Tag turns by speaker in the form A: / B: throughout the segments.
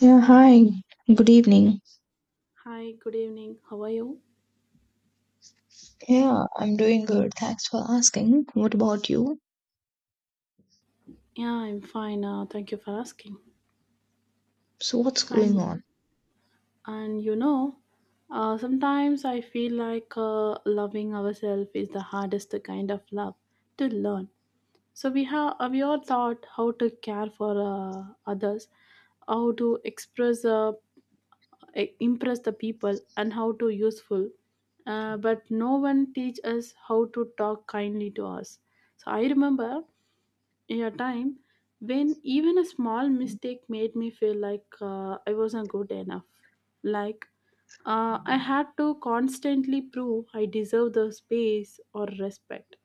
A: Yeah, hi. Good evening.
B: Hi, good evening. How are you?
A: Yeah, I'm doing good. Thanks for asking. What about you?
B: Yeah, I'm fine. Thank you for asking.
A: So, what's going
B: And
A: on?
B: and sometimes I feel like loving ourselves is the hardest kind of love to learn. So we have we all taught how to care for others, how to express, impress the people, and how to useful. But no one teach us how to talk kindly to us, so I remember a time when even a small mistake made me feel like I wasn't good enough. Like I had to constantly prove I deserve the space or respect.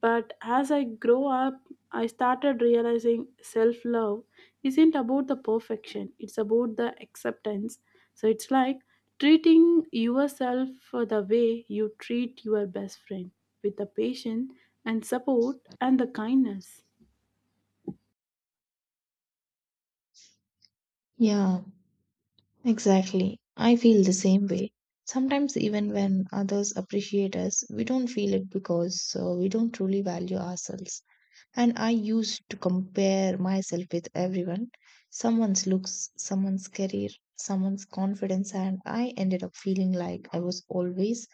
B: But as I grow up, I started realizing self love isn't about the perfection, it's about the acceptance. So it's like treating yourself for the way you treat your best friend with the patience and support and the kindness.
A: Yeah, exactly. I feel the same way. Sometimes, even when others appreciate us, we don't feel it because we don't truly value ourselves. And I used to compare myself with everyone someone's looks, someone's career, someone's confidence, and I ended up feeling like I was always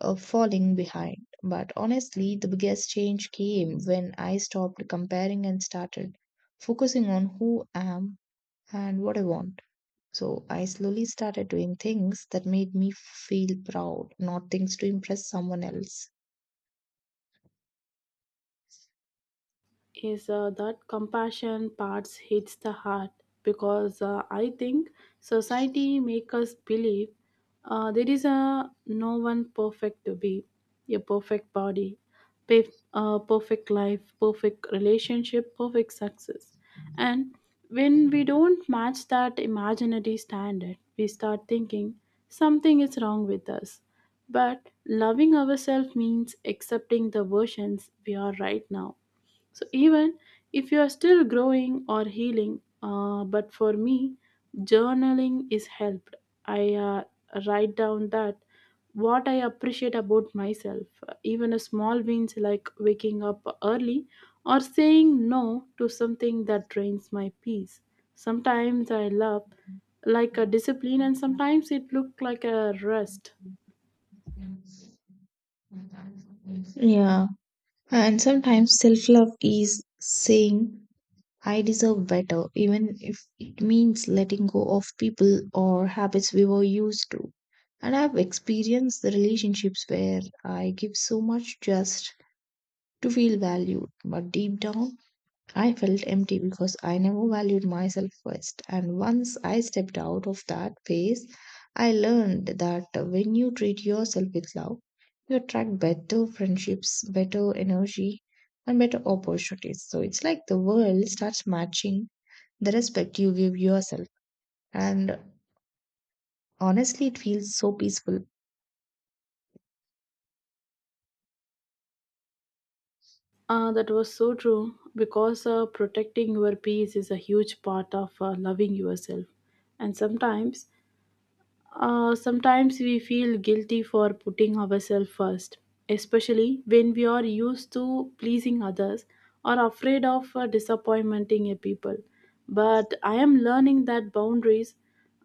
A: of falling behind. But honestly, the biggest change came when I stopped comparing and started focusing on who I am and what I want. So I slowly started doing things that made me feel proud, not things to impress someone else.
B: Is that compassion parts hits the heart because I think society make us believe there is a no one perfect to be a perfect body pe- perfect life, perfect relationship, perfect success, and when we don't match that imaginary standard we start thinking something is wrong with us, but loving ourselves means accepting the versions we are right now. So even if you are still growing or healing, but for me, journaling is helped. I write down that what I appreciate about myself, even a small wins like waking up early or saying no to something that drains my peace. Sometimes I love like a discipline, and sometimes it look like a rest.
A: Yeah, and sometimes self love is saying I deserve better, even if it means letting go of people or habits we were used to. And I've experienced the relationships where I give so much just to feel valued, but deep down, I felt empty because I never valued myself first. And once I stepped out of that phase, I learned that when you treat yourself with love, you attract better friendships, better energy, and better opportunities. So it's like the world starts matching the respect you give yourself. And honestly, it feels so peaceful.
B: That was so true because protecting your peace is a huge part of loving yourself. And sometimes, sometimes we feel guilty for putting ourselves first, especially when we are used to pleasing others or afraid of disappointing a people. But I am learning that boundaries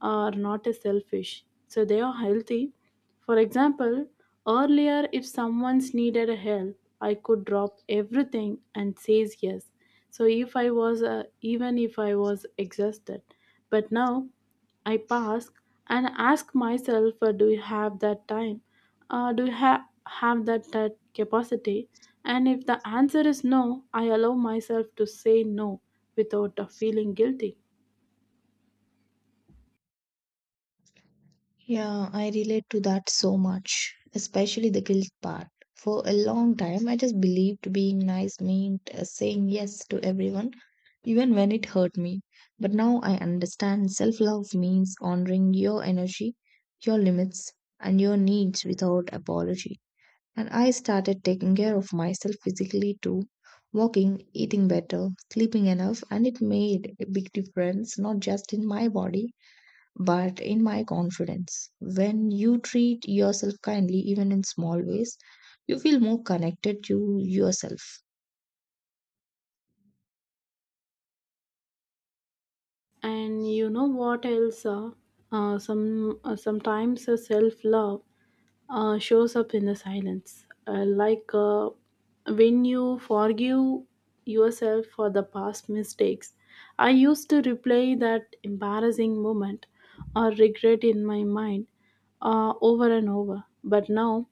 B: are not a selfish, so they are healthy. For example, earlier if someone's needed a help, I could drop everything and says yes. So if I was even if I was exhausted, but now I pass and ask myself, do you have that time? Do you have that, that capacity? And if the answer is no, I allow myself to say no without feeling guilty.
A: Yeah, I relate to that so much, especially the guilt part. For a long time, I just believed being nice meant saying yes to everyone, even when it hurt me. But now I understand self love means honoring your energy, your limits, and your needs without apology. And I started taking care of myself physically too, walking, eating better, sleeping enough, and it made a big difference not just in my body but in my confidence. When you treat yourself kindly, even in small ways, you feel more connected to yourself.
B: And you know what else some Sometimes self love shows up in the silence. Like when you forgive yourself for the past mistakes. I used to replay that embarrassing moment or regret in my mind over and over. But now,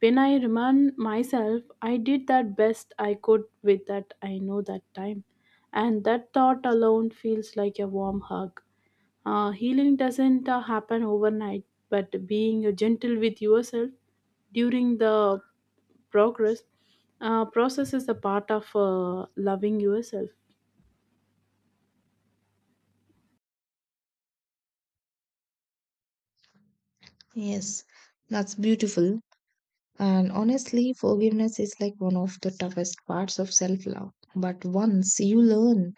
B: when I remind myself, I did that best I could with that I know that time. And that thought alone feels like a warm hug. Healing doesn't happen overnight, but being gentle with yourself during the progress process is a part of loving yourself.
A: Yes, that's beautiful. And honestly, forgiveness is like one of the toughest parts of self love. But once you learn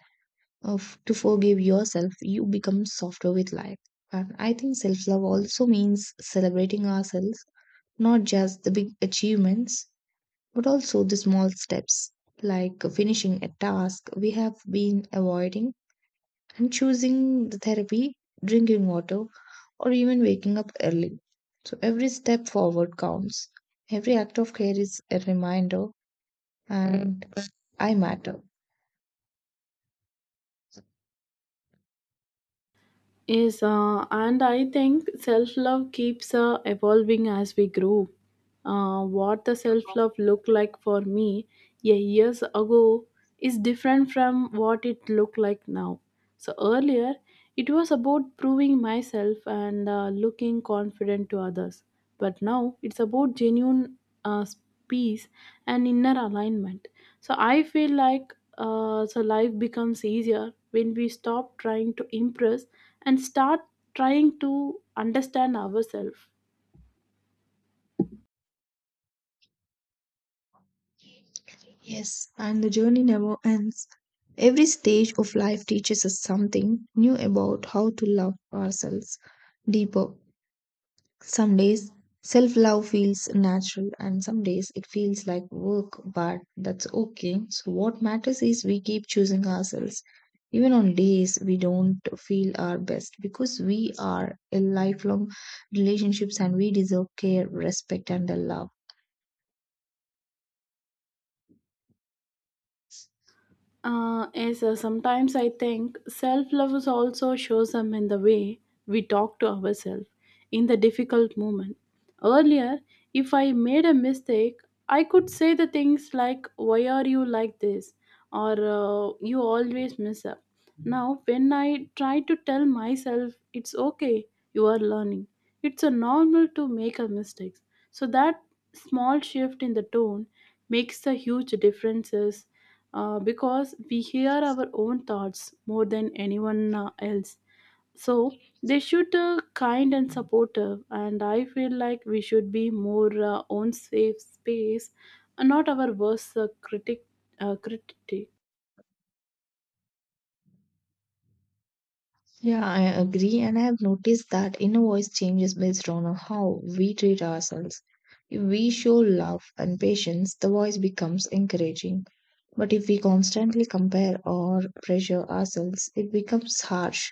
A: of to forgive yourself, you become softer with life. And I think self love also means celebrating ourselves, not just the big achievements, but also the small steps, like finishing a task we have been avoiding and choosing the therapy, drinking water, or even waking up early. So every step forward counts. Every act of care is a reminder, and I matter.
B: Yes, and I think self love keeps evolving as we grow. What the self love looked like for me a years ago is different from what it looked like now. So earlier, it was about proving myself and looking confident to others. But now it's about genuine uh, peace and inner alignment. So I feel like so life becomes easier when we stop trying to impress and start trying to understand ourselves.
A: Yes, and the journey never ends. Every stage of life teaches us something new about how to love ourselves deeper. Some days self love feels natural, and some days it feels like work, but that's okay. So, what matters is we keep choosing ourselves, even on days we don't feel our best, because we are in lifelong relationships and we deserve care, respect, and the love.
B: Yes, sometimes I think self love is also shows up in the way we talk to ourselves in the difficult moment. Earlier, if I made a mistake, I could say the things like, why are you like this? Or you always mess up. Now, when I try to tell myself, it's okay, you are learning, it's a normal to make a mistakes. So, that small shift in the tone makes a huge difference because we hear our own thoughts more than anyone else. So they should kind and supportive, and I feel like we should be more own safe space, and not our worst critic. Uh, critic.
A: Yeah, I agree, and I have noticed that inner voice changes based on how we treat ourselves. If we show love and patience, the voice becomes encouraging. But if we constantly compare or pressure ourselves, it becomes harsh.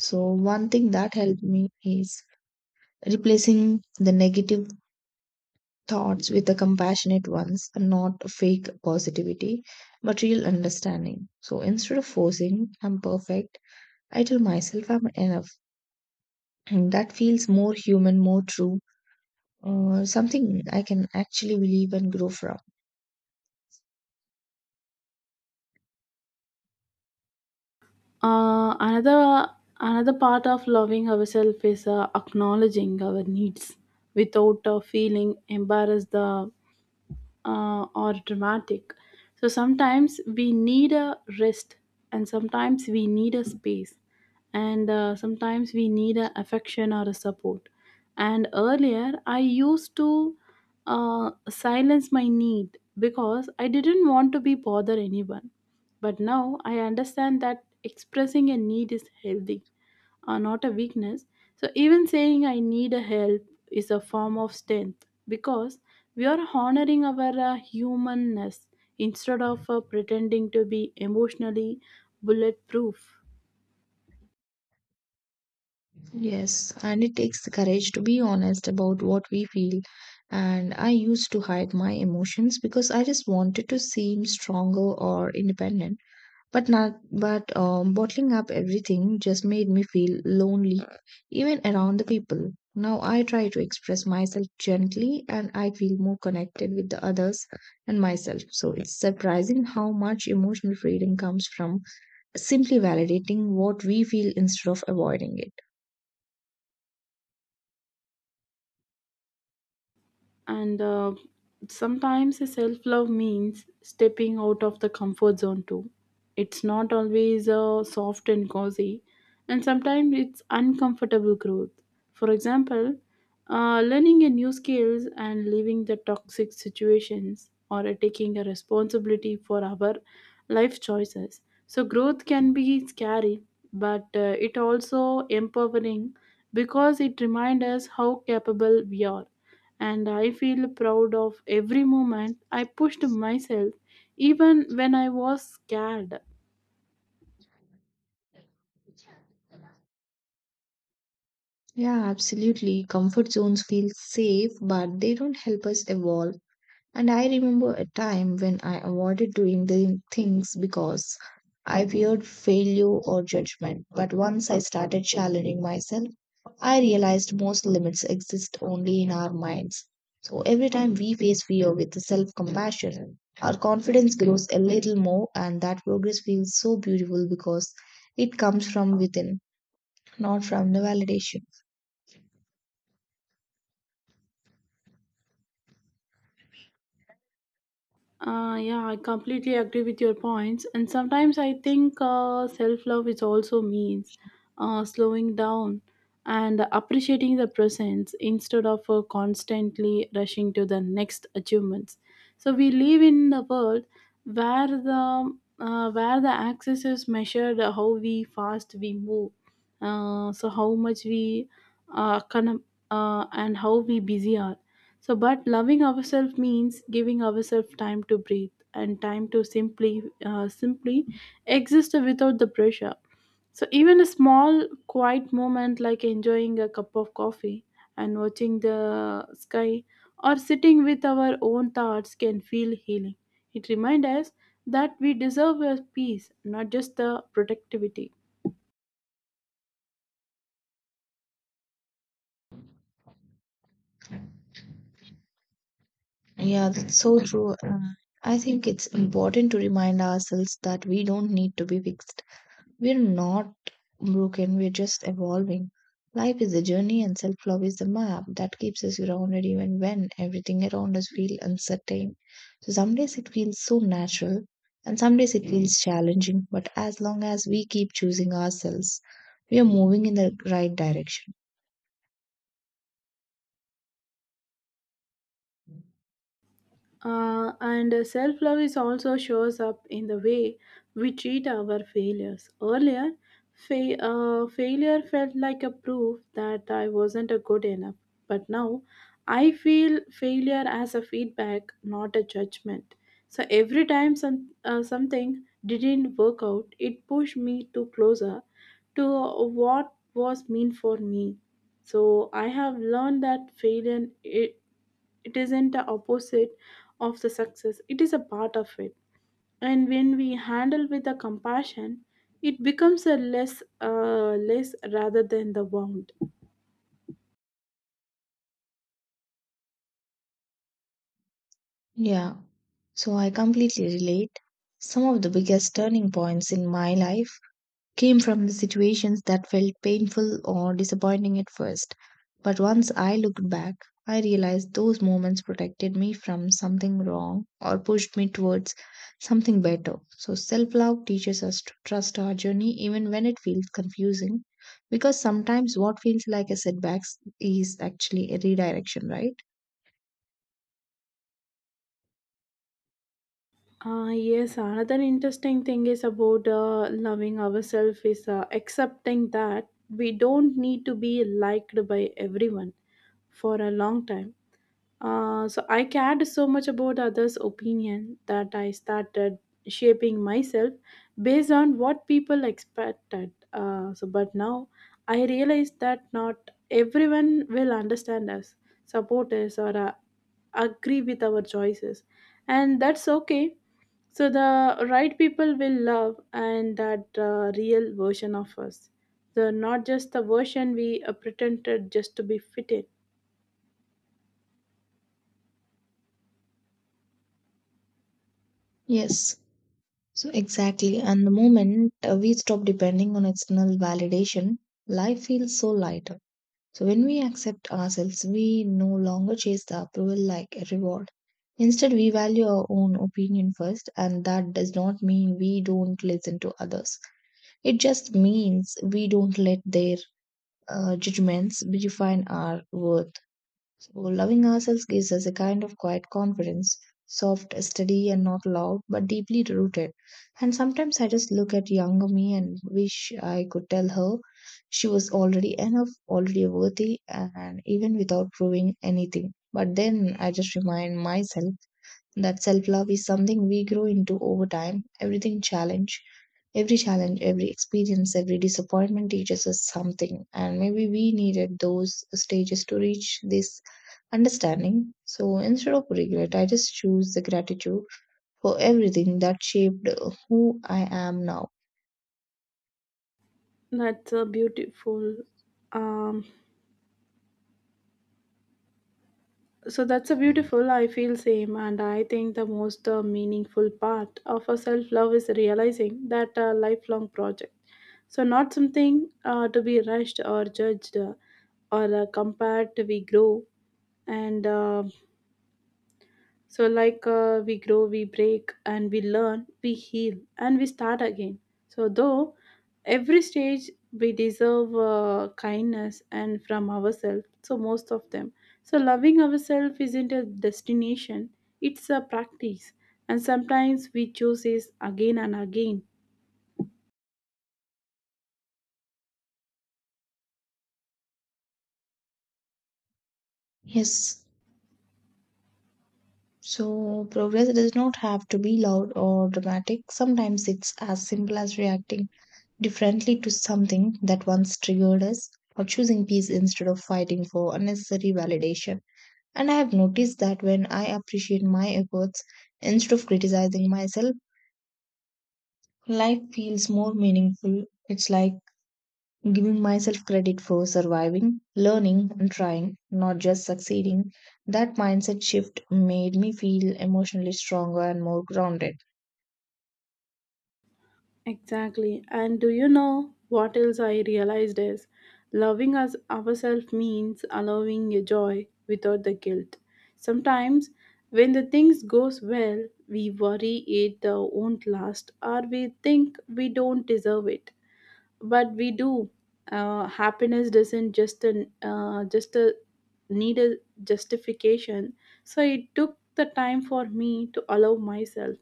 A: So, one thing that helped me is replacing the negative thoughts with the compassionate ones, and not fake positivity, but real understanding. So, instead of forcing, I'm perfect, I tell myself I'm enough. And that feels more human, more true, something I can actually believe and grow from.
B: Another another part of loving ourselves is acknowledging our needs without feeling embarrassed. The Or dramatic. So sometimes we need a rest, and sometimes we need a space, and sometimes we need a affection or a support. And earlier, I used to silence my need because I didn't want to be bother anyone. But now I understand that expressing a need is healthy, not a weakness. So, even saying I need a help is a form of strength because we are honoring our humanness instead of pretending to be emotionally bulletproof.
A: Yes, and it takes courage to be honest about what we feel. And I used to hide my emotions because I just wanted to seem stronger or independent. But not, but bottling up everything just made me feel lonely, even around the people. Now I try to express myself gently and I feel more connected with the others and myself. So it's surprising how much emotional freedom comes from simply validating what we feel instead of avoiding it.
B: And sometimes self love means stepping out of the comfort zone too. It's not always soft and cozy, and sometimes it's uncomfortable growth. For example, learning a new skills and leaving the toxic situations or taking a responsibility for our life choices. So growth can be scary, but it also empowering because it reminds us how capable we are, and I feel proud of every moment I pushed myself, even when I was scared.
A: Yeah, absolutely. Comfort zones feel safe, but they don't help us evolve. And I remember a time when I avoided doing the things because I feared failure or judgment. But once I started challenging myself, I realized most limits exist only in our minds. So every time we face fear with self compassion, our confidence grows a little more, and that progress feels so beautiful because it comes from within, not from the validation.
B: Yeah, I completely agree with your points. And sometimes I think self love is also means slowing down and appreciating the presence instead of constantly rushing to the next achievements. So we live in the world where the access is measured how we fast we move, so how much we uh, con- and how we busy are, so, but loving ourselves means giving ourselves time to breathe and time to simply, simply exist without the pressure. So, even a small, quiet moment like enjoying a cup of coffee and watching the sky or sitting with our own thoughts can feel healing. It reminds us that we deserve a peace, not just the productivity.
A: Yeah, that's so true. I think it's important to remind ourselves that we don't need to be fixed. We're not broken, we're just evolving. Life is a journey, and self love is the map that keeps us grounded even when everything around us feels uncertain. So, some days it feels so natural, and some days it feels challenging. But as long as we keep choosing ourselves, we are moving in the right direction.
B: And self love is also shows up in the way we treat our failures. Earlier, failure felt like a proof that I wasn't a good enough. But now, I feel failure as a feedback, not a judgment. So every time something didn't work out, it pushed me to closer to what was meant for me. So I have learned that failure. It isn't the opposite of the success, it is a part of it. And when we handle with the compassion, it becomes a less, less rather than the wound.
A: Yeah, so I completely relate. Some of the biggest turning points in my life came from the situations that felt painful or disappointing at first. But once I looked back, I realized those moments protected me from something wrong or pushed me towards something better. So self love teaches us to trust our journey even when it feels confusing because sometimes what feels like a setback is actually a redirection, right?
B: Yes, another interesting thing is about loving ourselves is accepting that we don't need to be liked by everyone. For a long time so I cared so much about others' opinion that I started shaping myself based on what people expected. But now I realize that not everyone will understand us, support us, or agree with our choices, and that's okay. So the right people will love and that real version of us. So not just the version we pretended just to be fitted.
A: Yes. So, exactly. And the moment we stop depending on external validation, life feels so lighter. So, when we accept ourselves, we no longer chase the approval like a reward. Instead, we value our own opinion first, and that does not mean we don't listen to others. It just means we don't let their judgments define our worth. So, loving ourselves gives us a kind of quiet confidence, soft, steady, and not loud, but deeply rooted. And sometimes I just look at younger me and wish I could tell her she was already enough, already worthy, and even without proving anything. But then I just remind myself that self love is something we grow into over time. Every challenge, every experience, every disappointment teaches us something. And maybe we needed those stages to reach this understanding. So instead of regret, I just choose the gratitude for everything that shaped who I am now.
B: That's a beautiful. Um, so that's a beautiful. I feel same, and I think the most meaningful part of a self love is realizing that a lifelong project. So not something to be rushed or judged or compared. And. Uh, we grow, we break, and we learn, we heal, and we start again. So, though every stage we deserve kindness and from ourselves, so most of them. So, loving ourselves isn't a destination, it's a practice, and sometimes we choose it again and again.
A: Yes. So progress does not have to be loud or dramatic. Sometimes it's as simple as reacting differently to something that once triggered us or choosing peace instead of fighting for unnecessary validation. And I have noticed that when I appreciate my efforts instead of criticizing myself, life feels more meaningful. It's like giving myself credit for surviving, learning, and trying, not just succeeding. That mindset shift made me feel emotionally stronger and more grounded.
B: Exactly. And do you know what else I realized is loving us ourselves means allowing your joy without the guilt. Sometimes when the things goes well, we worry it won't last or we think we don't deserve it, but we do. Happiness doesn't just a need a justification. So it took the time for me to allow myself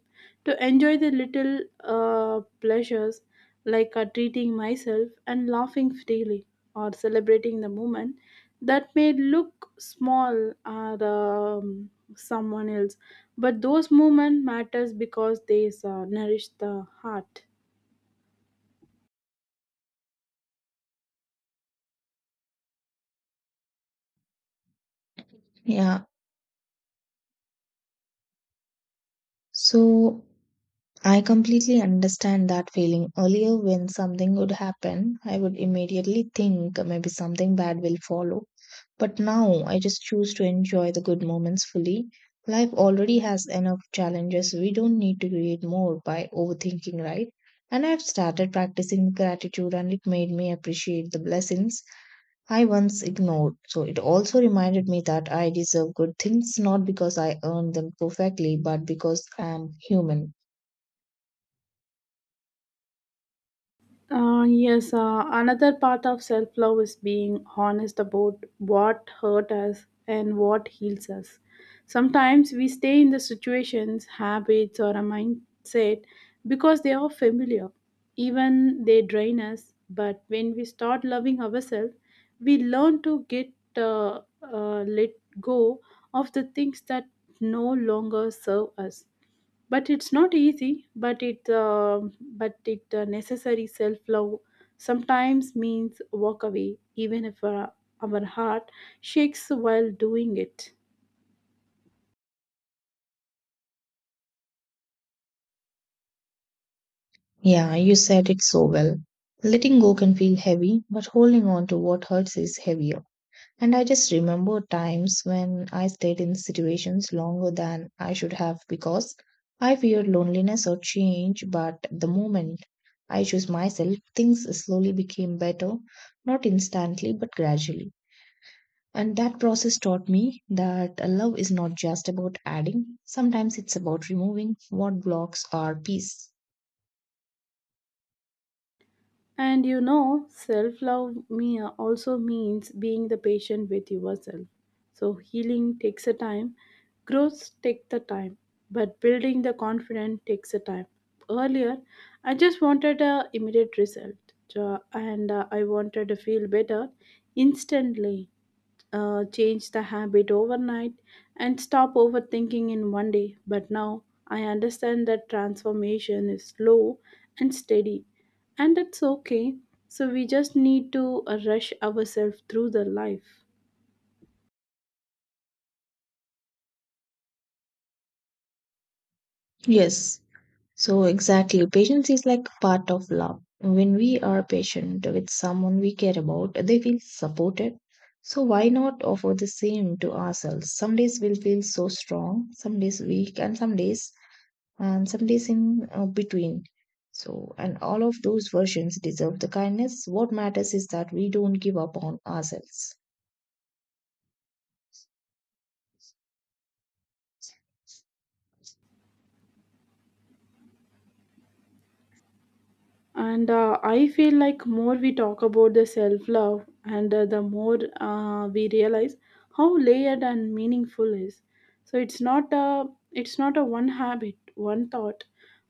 B: to enjoy the little pleasures, like treating myself and laughing freely or celebrating the moment that may look small or um, someone else, but those moments matters because they nourish the heart.
A: Yeah. So, I completely understand that feeling. Earlier, when something would happen, I would immediately think maybe something bad will follow. But now, I just choose to enjoy the good moments fully. Life already has enough challenges. We don't need to create more by overthinking, right? And I've started practicing gratitude, and it made me appreciate the blessings I once ignored. So, it also reminded me that I deserve good things not because I earned them perfectly, but because I am human.
B: Yes, another part of self love is being honest about what hurt us and what heals us. Sometimes we stay in the situations, habits, or a mindset because they are familiar. Even they drain us, but when we start loving ourselves, we learn to get let go of the things that no longer serve us, but it's not easy, but it necessary. Self love sometimes means walk away even if our heart shakes while doing it.
A: Yeah, you said it so well. Letting go can feel heavy, but holding on to what hurts is heavier. And I just remember times when I stayed in situations longer than I should have because I feared loneliness or change. But the moment I chose myself, things slowly became better, not instantly, but gradually. And that process taught me that love is not just about adding, sometimes it's about removing what blocks our peace.
B: And you know, self love me also means being the patient with yourself. So healing takes a time, growth takes the time, but building the confidence takes a time. Earlier, I just wanted a immediate result, so- and I wanted to feel better instantly, change the habit overnight and stop overthinking in one day. But now I understand that transformation is slow and steady, and it's okay. So we just need to rush ourselves through the life.
A: Yes, so, exactly, patience is like part of love. When we are patient with someone we care about, they feel supported. So, why not offer the same to ourselves? Some days we'll feel so strong, some days weak, and some days in between. So, and all of those versions deserve the kindness. What matters is that we don't give up on ourselves.
B: And I feel like more we talk about the self love and the more we realize how layered and meaningful is. So it's not a, it's not a one habit, one thought,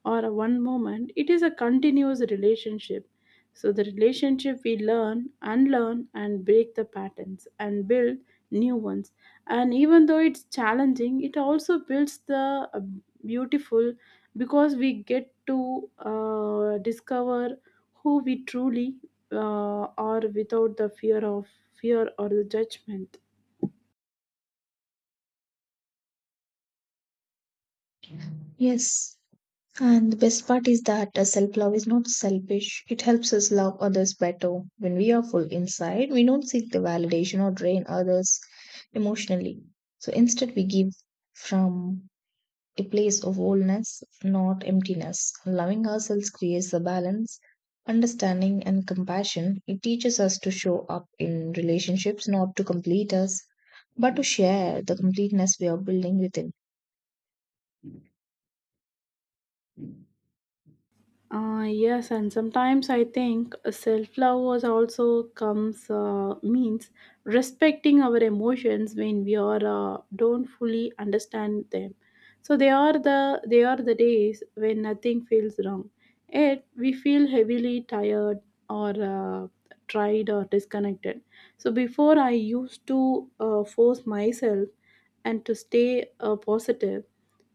B: or a one moment. It is a continuous relationship. So the relationship we learn, unlearn, and break the patterns and build new ones. And even though it's challenging, it also builds the beautiful, because we get to discover who we truly uh, are without the fear of fear or the judgment.
A: Yes. And the best part is that self love is not selfish. It helps us love others better. When we are full inside, we don't seek the validation or drain others emotionally. So instead, we give from a place of wholeness, not emptiness. Loving ourselves creates the balance, understanding, and compassion. It teaches us to show up in relationships, not to complete us, but to share the completeness we are building within.
B: Yes, and sometimes I think self-love was also comes means respecting our emotions when we are don't fully understand them. So they are the, they are the days when nothing feels wrong. Yet we feel heavily tired or tried or disconnected. So before I used to force myself and to stay positive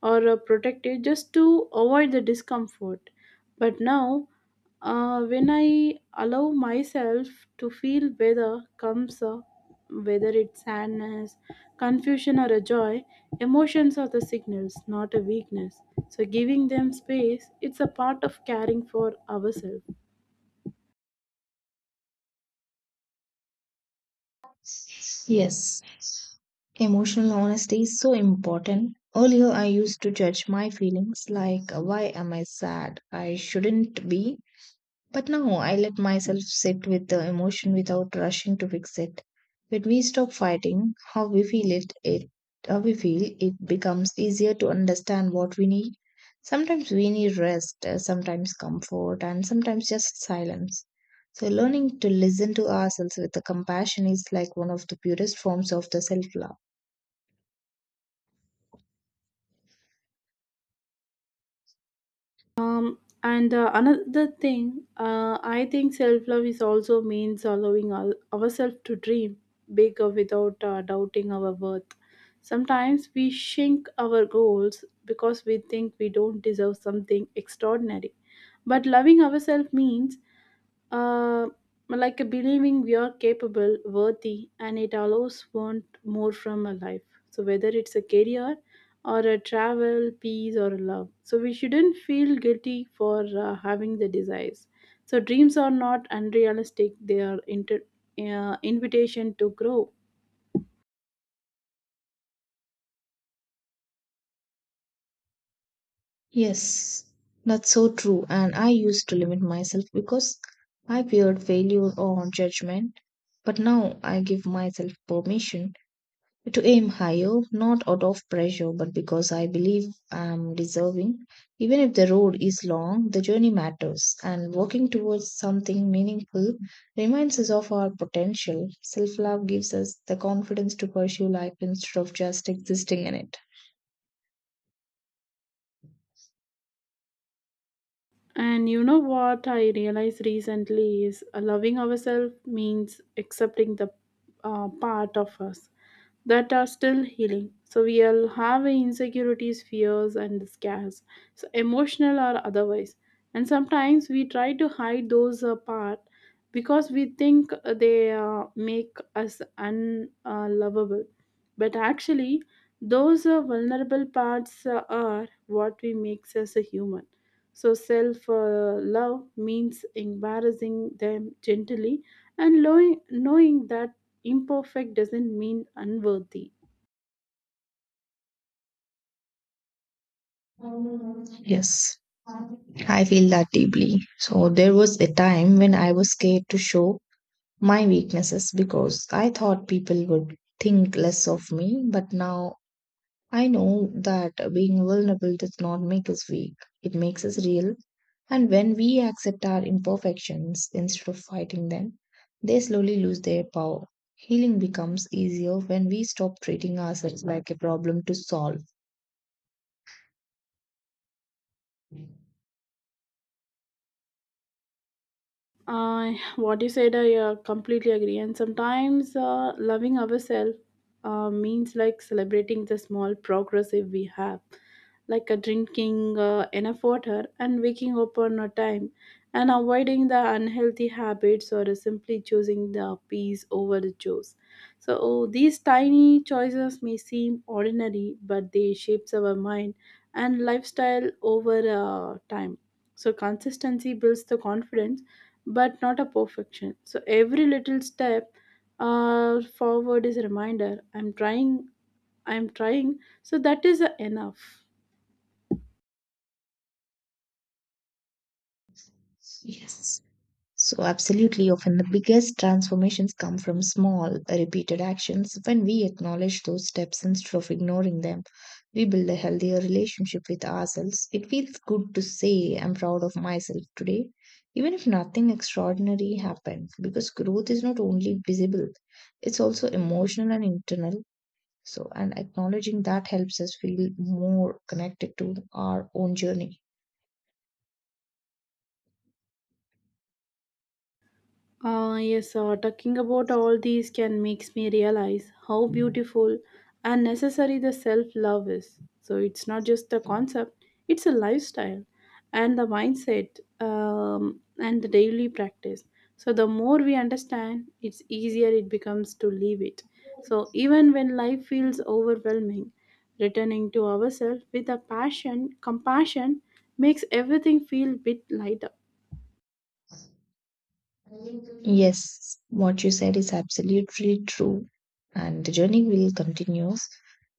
B: or protect it, just to avoid the discomfort. But now, when I allow myself to feel whether comes, whether it's sadness, confusion, or a joy, emotions are the signals, not a weakness. So, giving them space, it's a part of caring for ourselves.
A: Yes, emotional honesty is so important. Earlier, I used to judge my feelings like, why am I sad? I shouldn't be. But now I let myself sit with the emotion without rushing to fix it. When we stop fighting how we feel, it becomes easier to understand what we need. Sometimes we need rest, sometimes comfort, and sometimes just silence. So learning to listen to ourselves with the compassion is like one of the purest forms of the self-love.
B: And Another thing, I think self love is also means allowing our, ourselves to dream big or without doubting our worth. Sometimes we shrink our goals because we think we don't deserve something extraordinary. But loving ourselves means uh, like a believing we are capable, worthy, and it allows want more from a life. So whether it's a career or a travel, peace or love, so we shouldn't feel guilty for having the desires. So dreams are not unrealistic; they are invitation to grow.
A: Yes, that's so true. And I used to limit myself because I feared failure or judgment. But now I give myself permission to aim higher, not out of pressure, but because I believe I'm deserving. Even if the road is long, the journey matters. And working towards something meaningful reminds us of our potential. Self love gives us the confidence to pursue life instead of just existing in it.
B: And you know what I realized recently is loving ourselves means accepting the part of us that are still healing. So we'll have insecurities, fears, and scares, so emotional or otherwise. And sometimes we try to hide those apart because we think they make us unlovable. But actually, those vulnerable parts are what we makes us a human. So, self love means embarrassing them gently and knowing that imperfect doesn't mean unworthy.
A: Yes, I feel that deeply. So, there was a time when I was scared to show my weaknesses because I thought people would think less of me. But now I know that being vulnerable does not make us weak, it makes us real. And when we accept our imperfections instead of fighting them, they slowly lose their power. Healing becomes easier when we stop treating ourselves like a problem to solve.
B: What you said, I completely agree. And sometimes loving ourselves means like celebrating the small progress if we have, like drinking enough water and waking up on a time, and avoiding the unhealthy habits or simply choosing the peace over the chores. So oh, these tiny choices may seem ordinary, but they shapes our mind and lifestyle over time. So consistency builds the confidence but not a perfection. So every little step forward is a reminder. I'm trying. I'm trying. So that is enough.
A: Yes. So, absolutely, often the biggest transformations come from small, repeated actions. When we acknowledge those steps instead of ignoring them, we build a healthier relationship with ourselves. It feels good to say, I'm proud of myself today, even if nothing extraordinary happened, because growth is not only visible, it's also emotional and internal. So, and acknowledging that helps us feel more connected to our own journey.
B: Ah, yes, talking about all these can makes me realize how beautiful and necessary the self-love is. So it's not just a concept; it's a lifestyle, and the mindset, and the daily practice. So the more we understand, it's easier it becomes to live it. So even when life feels overwhelming, returning to ourselves with a passion, compassion makes everything feel bit lighter.
A: Yes, what you said is absolutely true, and the journey will continues.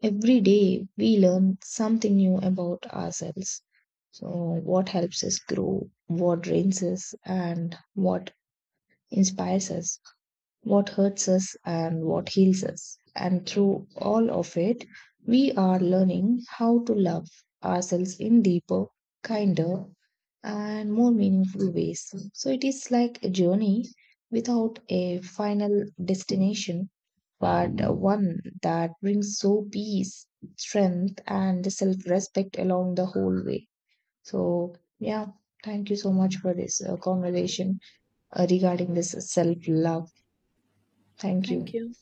A: Every day we learn something new about ourselves. So, what helps us grow, what drains us, and what inspires us what hurts us and what heals us. And through all of it, we are learning how to love ourselves in deeper, kinder, and more meaningful ways. So it is like a journey without a final destination, but one that brings so peace, strength, and self respect along the whole way. So, yeah, thank you so much for this conversation regarding this self love. Thank
B: Thank
A: you.
B: you.